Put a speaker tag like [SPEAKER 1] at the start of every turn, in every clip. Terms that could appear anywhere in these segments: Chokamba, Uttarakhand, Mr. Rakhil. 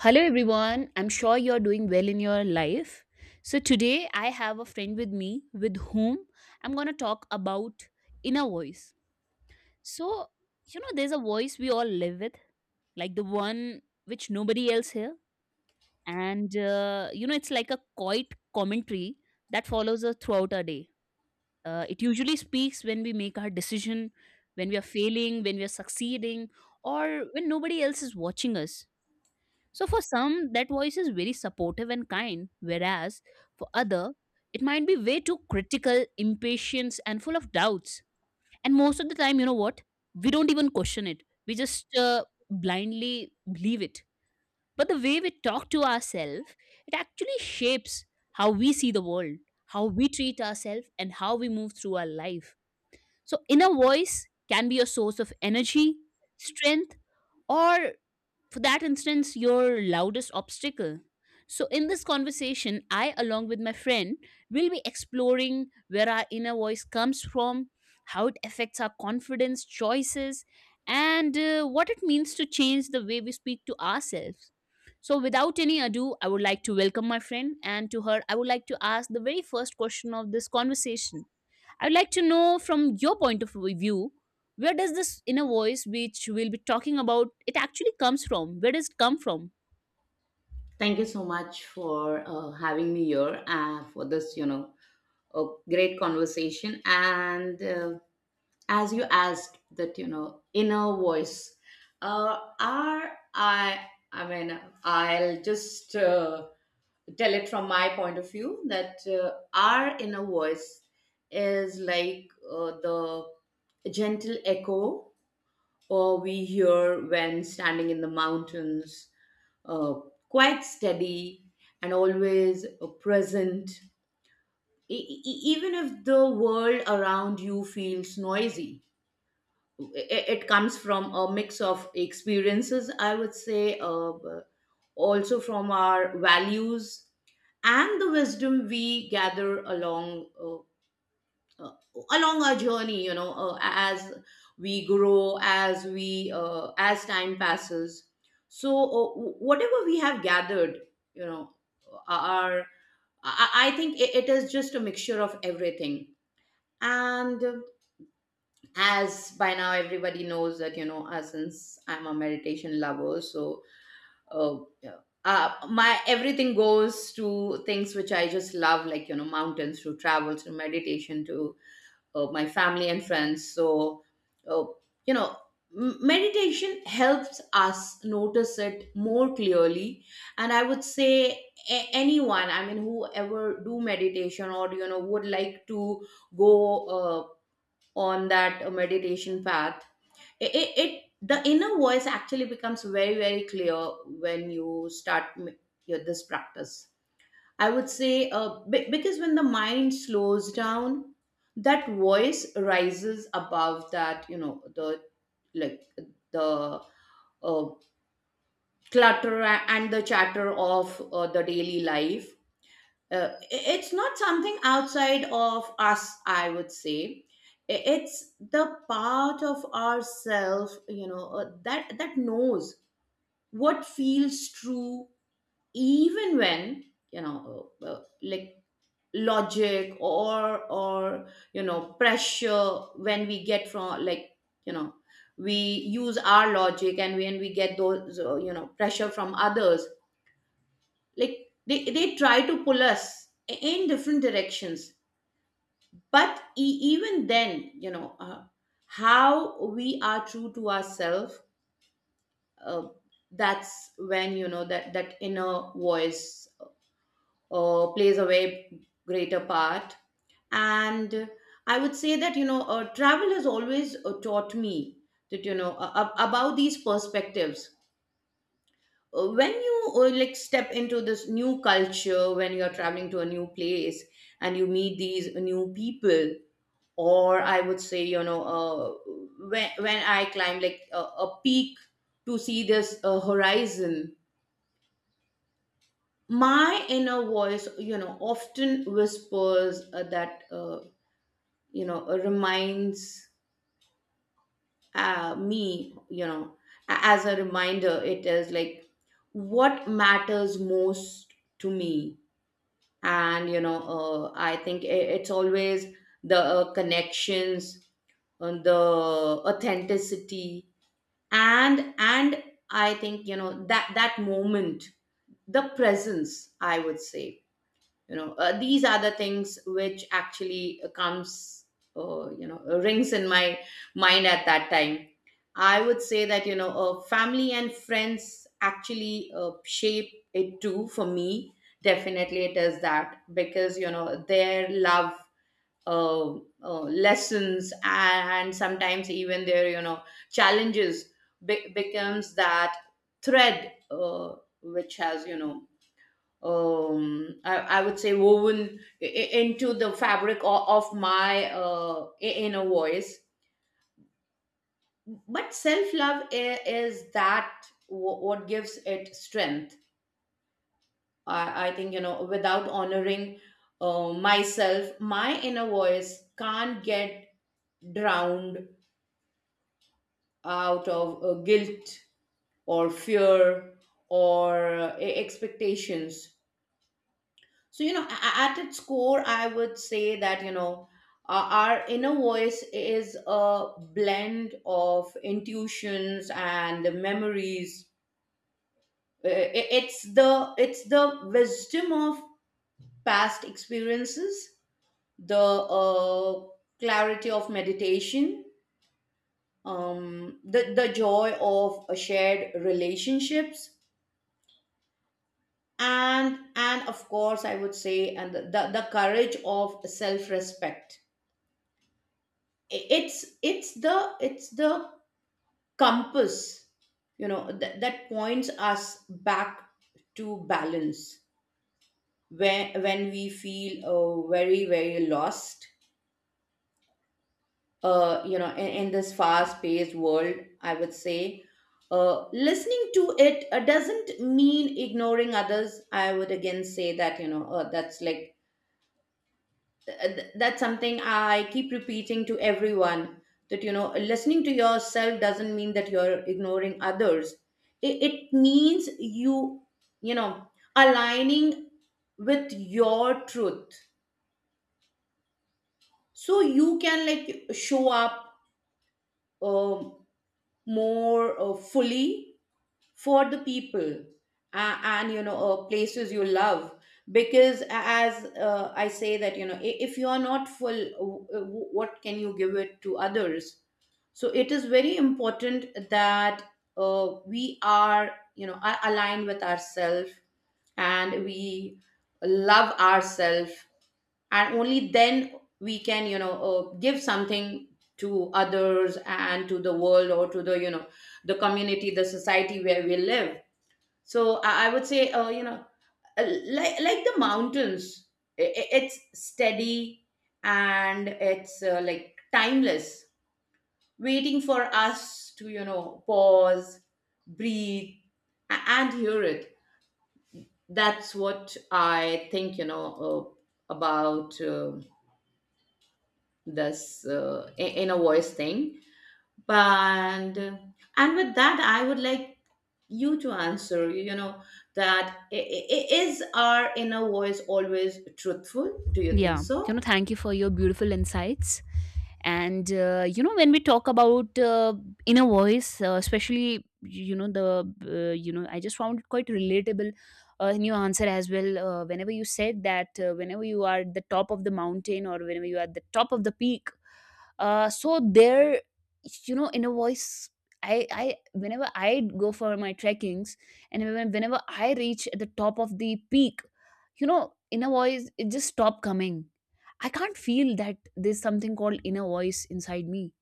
[SPEAKER 1] Hello, everyone. I'm sure you're doing well in your life. So, today I have a friend with me with whom I'm going to talk about inner voice. So, there's a voice we all live with, like the one which nobody else hears. And it's like a quiet commentary that follows us throughout our day. It usually speaks when we make our decision, when we are failing, when we are succeeding, or when nobody else is watching us, so for some, that voice is very supportive and kind, whereas for other, it might be way too critical, impatient, and full of doubts. And most of the time, you know what? We don't even question it. We just blindly believe it. But the way we talk to ourselves, it actually shapes how we see the world, how we treat ourselves, and how we move through our life. So inner voice can be a source of energy, strength, or for that instance, your loudest obstacle. So, in this conversation, I, along with my friend, will be exploring where our inner voice comes from, how it affects our confidence, choices, and what it means to change the way we speak to ourselves. So, without any ado, I would like to welcome my friend, and to her, I would like to ask the very first question of this conversation. I would like to know from your point of view, where does this inner voice which we'll be talking about it actually comes from? Where does it come from?
[SPEAKER 2] Thank you so much for having me here for this, you know, a great conversation. And As you asked, that, you know, inner voice, are I? I mean, I'll just tell it from my point of view that our inner voice is like the gentle echo or we hear when standing in the mountains, uh, quite steady and always present, even if the world around you feels noisy. It comes from a mix of experiences, I would say, also from our values and the wisdom we gather along uh, along our journey, you know, as we grow, as we as time passes. So whatever we have gathered, you know, are I think it is just a mixture of everything. And as by now everybody knows that, you know, since I'm a meditation lover, so uh, yeah, my everything goes to things which I just love, like, you know, mountains, to travels, to meditation, to my family and friends. So, uh, you know, meditation helps us notice it more clearly. And I would say anyone, I mean, whoever do meditation or, you know, would like to go uh, on that meditation path, it, the inner voice actually becomes very, very clear when you start your, this practice. I would say because when the mind slows down, that voice rises above that, you know, the like the uh, clutter and the chatter of the daily life. It's not something outside of us, I would say. It's the part of ourself, you know, that knows what feels true, even when, you know, like logic or, you know, pressure when we get from, like, you know, we use our logic and when we get those, you know, pressure from others, like they try to pull us in different directions. But even then, you know, how we are true to ourselves, uh, that's when, you know, that inner voice plays a way greater part. And I would say that, you know, travel has always taught me that, you know, about these perspectives. When you like step into this new culture, when you're traveling to a new place and you meet these new people, or I would say, you know, when I climb, like, a peak to see this horizon, my inner voice, you know, often whispers that you know reminds me, you know, as a reminder. It is like what matters most to me. And you know, I think it's always the connections and the authenticity. And I think, you know, that moment, the presence, I would say, you know, these are the things which actually comes, rings in my mind at that time. I would say that, you know, family and friends actually shape it too for me. Definitely it is that, because, you know, their love, uh, lessons, and sometimes even their, you know, challenges becomes that thread, which has, you know, I would say woven into the fabric of my inner voice. But self love is that wh- what gives it strength. I think, you know, without honoring myself, my inner voice can't get drowned out of guilt or fear or expectations. So, you know, at its core, I would say that, you know, our inner voice is a blend of intuitions and memories. It's the wisdom of past experiences, the uh, clarity of meditation, the joy of shared relationships, and of course, I would say, and the courage of self respect. It's the compass, you know, that, that points us back to balance when we feel very, very lost, you know, in this fast paced world. I would say listening to it doesn't mean ignoring others. I would again say that, you know, that's like that's something I keep repeating to everyone, that, you know, listening to yourself doesn't mean that you're ignoring others. It means you, you know, aligning with your truth, so you can like show up, um, more fully for the people and, you know, places you love. Because as I say that, you know, if you are not full, what can you give it to others? So it is very important that we are, you know, are aligned with ourselves, and we love ourselves, and only then we can, you know, give something to others and to the world, or to the, you know, the community, the society where we live. So I would say you know, like the mountains, it's steady and it's like timeless, waiting for us to, you know, pause, breathe, and hear it. That's what I think, you know, about this, inner voice thing. And with that, I would like you to answer, you know, that I- is our inner voice always truthful, do you think
[SPEAKER 1] Yeah,
[SPEAKER 2] so?
[SPEAKER 1] thank you for your beautiful insights, and when we talk about inner voice, especially the I just found it quite relatable in your answer as well. Whenever you said that whenever you are at the top of the mountain or whenever you are at the top of the peak, so there, you know, inner voice, I whenever I go for my trekkings, and whenever I reach at the top of the peak, you know, inner voice, it just stopped coming. I can't feel that there's something called inner voice inside me.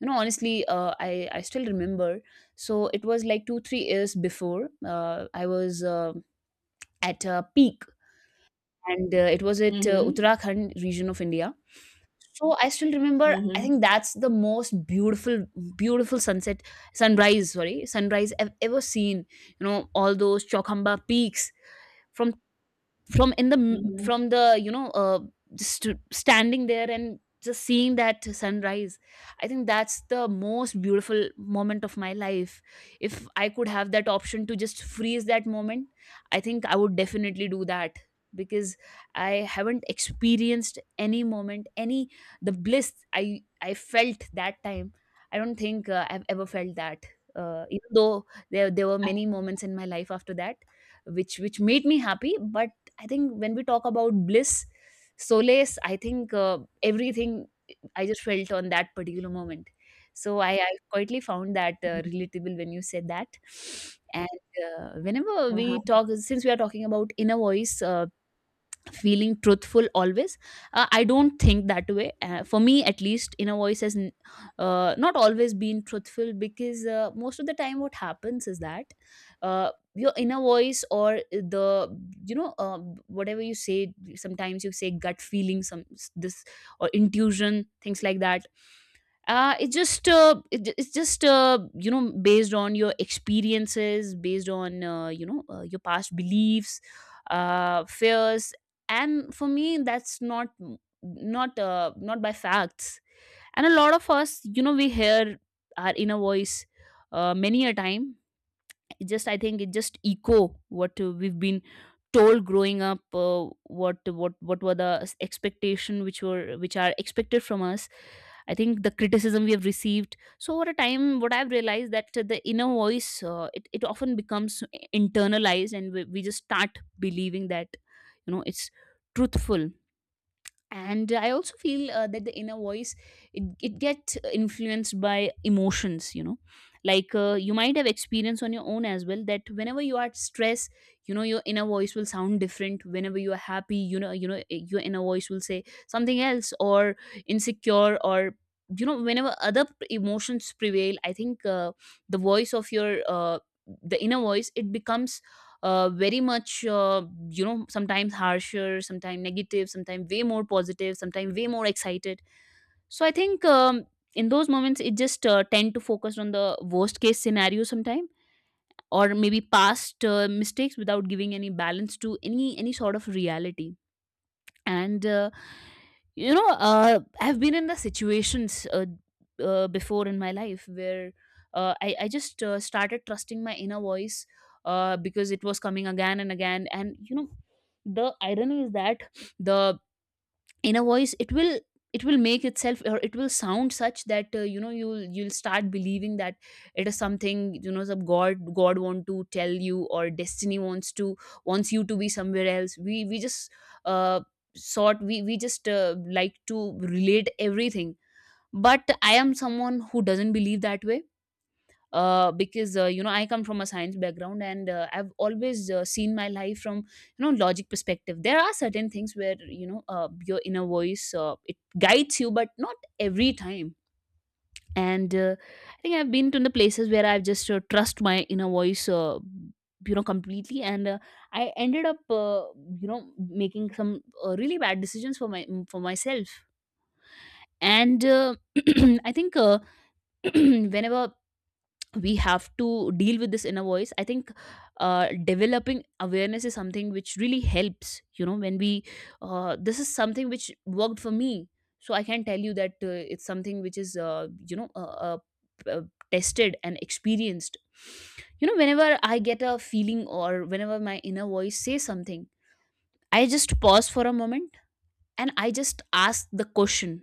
[SPEAKER 1] You know, honestly, I still remember, so it was like 2 3 years before. I was at a peak, and it was at
[SPEAKER 2] Mm-hmm.
[SPEAKER 1] Uttarakhand region of India. So I still remember, I think
[SPEAKER 2] Mm-hmm.
[SPEAKER 1] that's the most beautiful sunset, sunrise, sorry, sunrise I've ever seen. You know, all those Chokamba peaks from from in the
[SPEAKER 2] Mm-hmm.
[SPEAKER 1] from the, you know, just standing there and just seeing that sunrise. I think that's the most beautiful moment of my life. If I could have that option to just freeze that moment, I think I would definitely do that, because I haven't experienced any moment, any the bliss I felt that time, I don't think I've ever felt that. Even though there were many moments in my life after that which made me happy, but I think when we talk about bliss, solace, I think everything I just felt on that particular moment. So I quietly found that
[SPEAKER 2] Absolutely.
[SPEAKER 1] relatable when you said that. And whenever
[SPEAKER 2] Uh-huh.
[SPEAKER 1] we talk, since we are talking about inner voice, feeling truthful always, I don't think that way. For me, at least, inner voice has not always been truthful, because most of the time what happens is that your inner voice or the, you know uh, whatever you say, sometimes you say gut feeling, some this or intuition, things like that. It's just, based on your experiences, based on, your past beliefs, fears, and for me, that's not, not by facts. And a lot of us, you know, we hear our inner voice many a time. It just, I think it just echo what we've been told growing up. What were the expectation which were which are expected from us, I think the criticism we have received. So over a time, what I've realized, that the inner voice, it often becomes internalized and we just start believing that, you know, it's truthful. And I also feel that the inner voice, it gets influenced by emotions, you know, like, you might have experienced on your own as well, that whenever you are stressed, you know, your inner voice will sound different. Whenever you are happy, your inner voice will say something else, or insecure, or, you know, whenever other emotions prevail, I think the voice of your the inner voice, it becomes very much, sometimes harsher, sometimes negative, sometimes way more positive, sometimes way more excited. So I think in those moments it just tend to focus on the worst case scenario sometime, or maybe past mistakes without giving any balance to any sort of reality. And I've been in the situations before in my life, where I just started trusting my inner voice, because it was coming again and again. And, you know, the irony is that the in a voice, it will, it will make itself, or it will sound such that, you'll start believing that it is something, you know, some god want to tell you, or destiny wants to, wants you to be somewhere else. We just uh sort we just like to relate everything. But I am someone who doesn't believe that way, because I come from a science background, and I've always seen my life from, you know, logic perspective. There are certain things where, you know, your inner voice, it guides you, but not every time. And I think I've been to the places where I've just trust my inner voice completely, and I ended up making some really bad decisions for my for myself. And I think whenever we have to deal with this inner voice, I think developing awareness is something which really helps. You know, when we, this is something which worked for me, so I can tell you that it's something which is, p- uh, tested and experienced. You know, whenever I get a feeling, or whenever my inner voice says something, I just pause for a moment, and I just ask the question,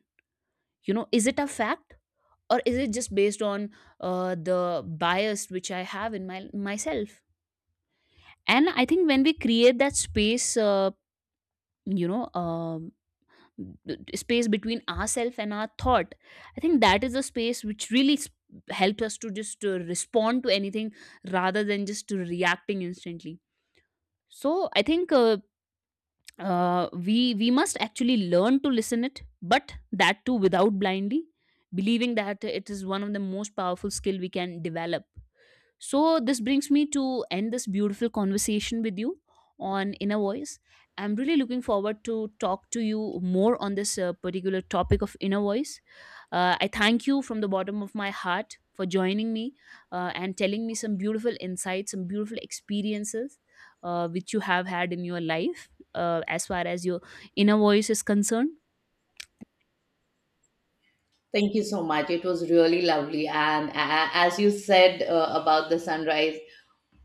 [SPEAKER 1] you know, is it a fact, or is it just based on the bias which I have in my myself? And I think when we create that space, you know um, space between ourself and our thought, I think that is the space which really helps us to just respond to anything, rather than just reacting instantly. So I think we must actually learn to listen it, but that too without blindly believing that. It is one of the most powerful skill we can develop. So this brings me to end this beautiful conversation with you on inner voice. I'm really looking forward to talk to you more on this particular topic of inner voice. I thank you from the bottom of my heart for joining me, and telling me some beautiful insights, some beautiful experiences which you have had in your life, as far as your inner voice is concerned.
[SPEAKER 2] Thank you so much. It was really lovely. And as you said about the sunrise,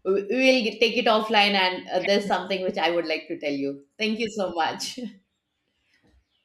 [SPEAKER 2] will take it offline. And there's something which I would like to tell you. Thank you so much.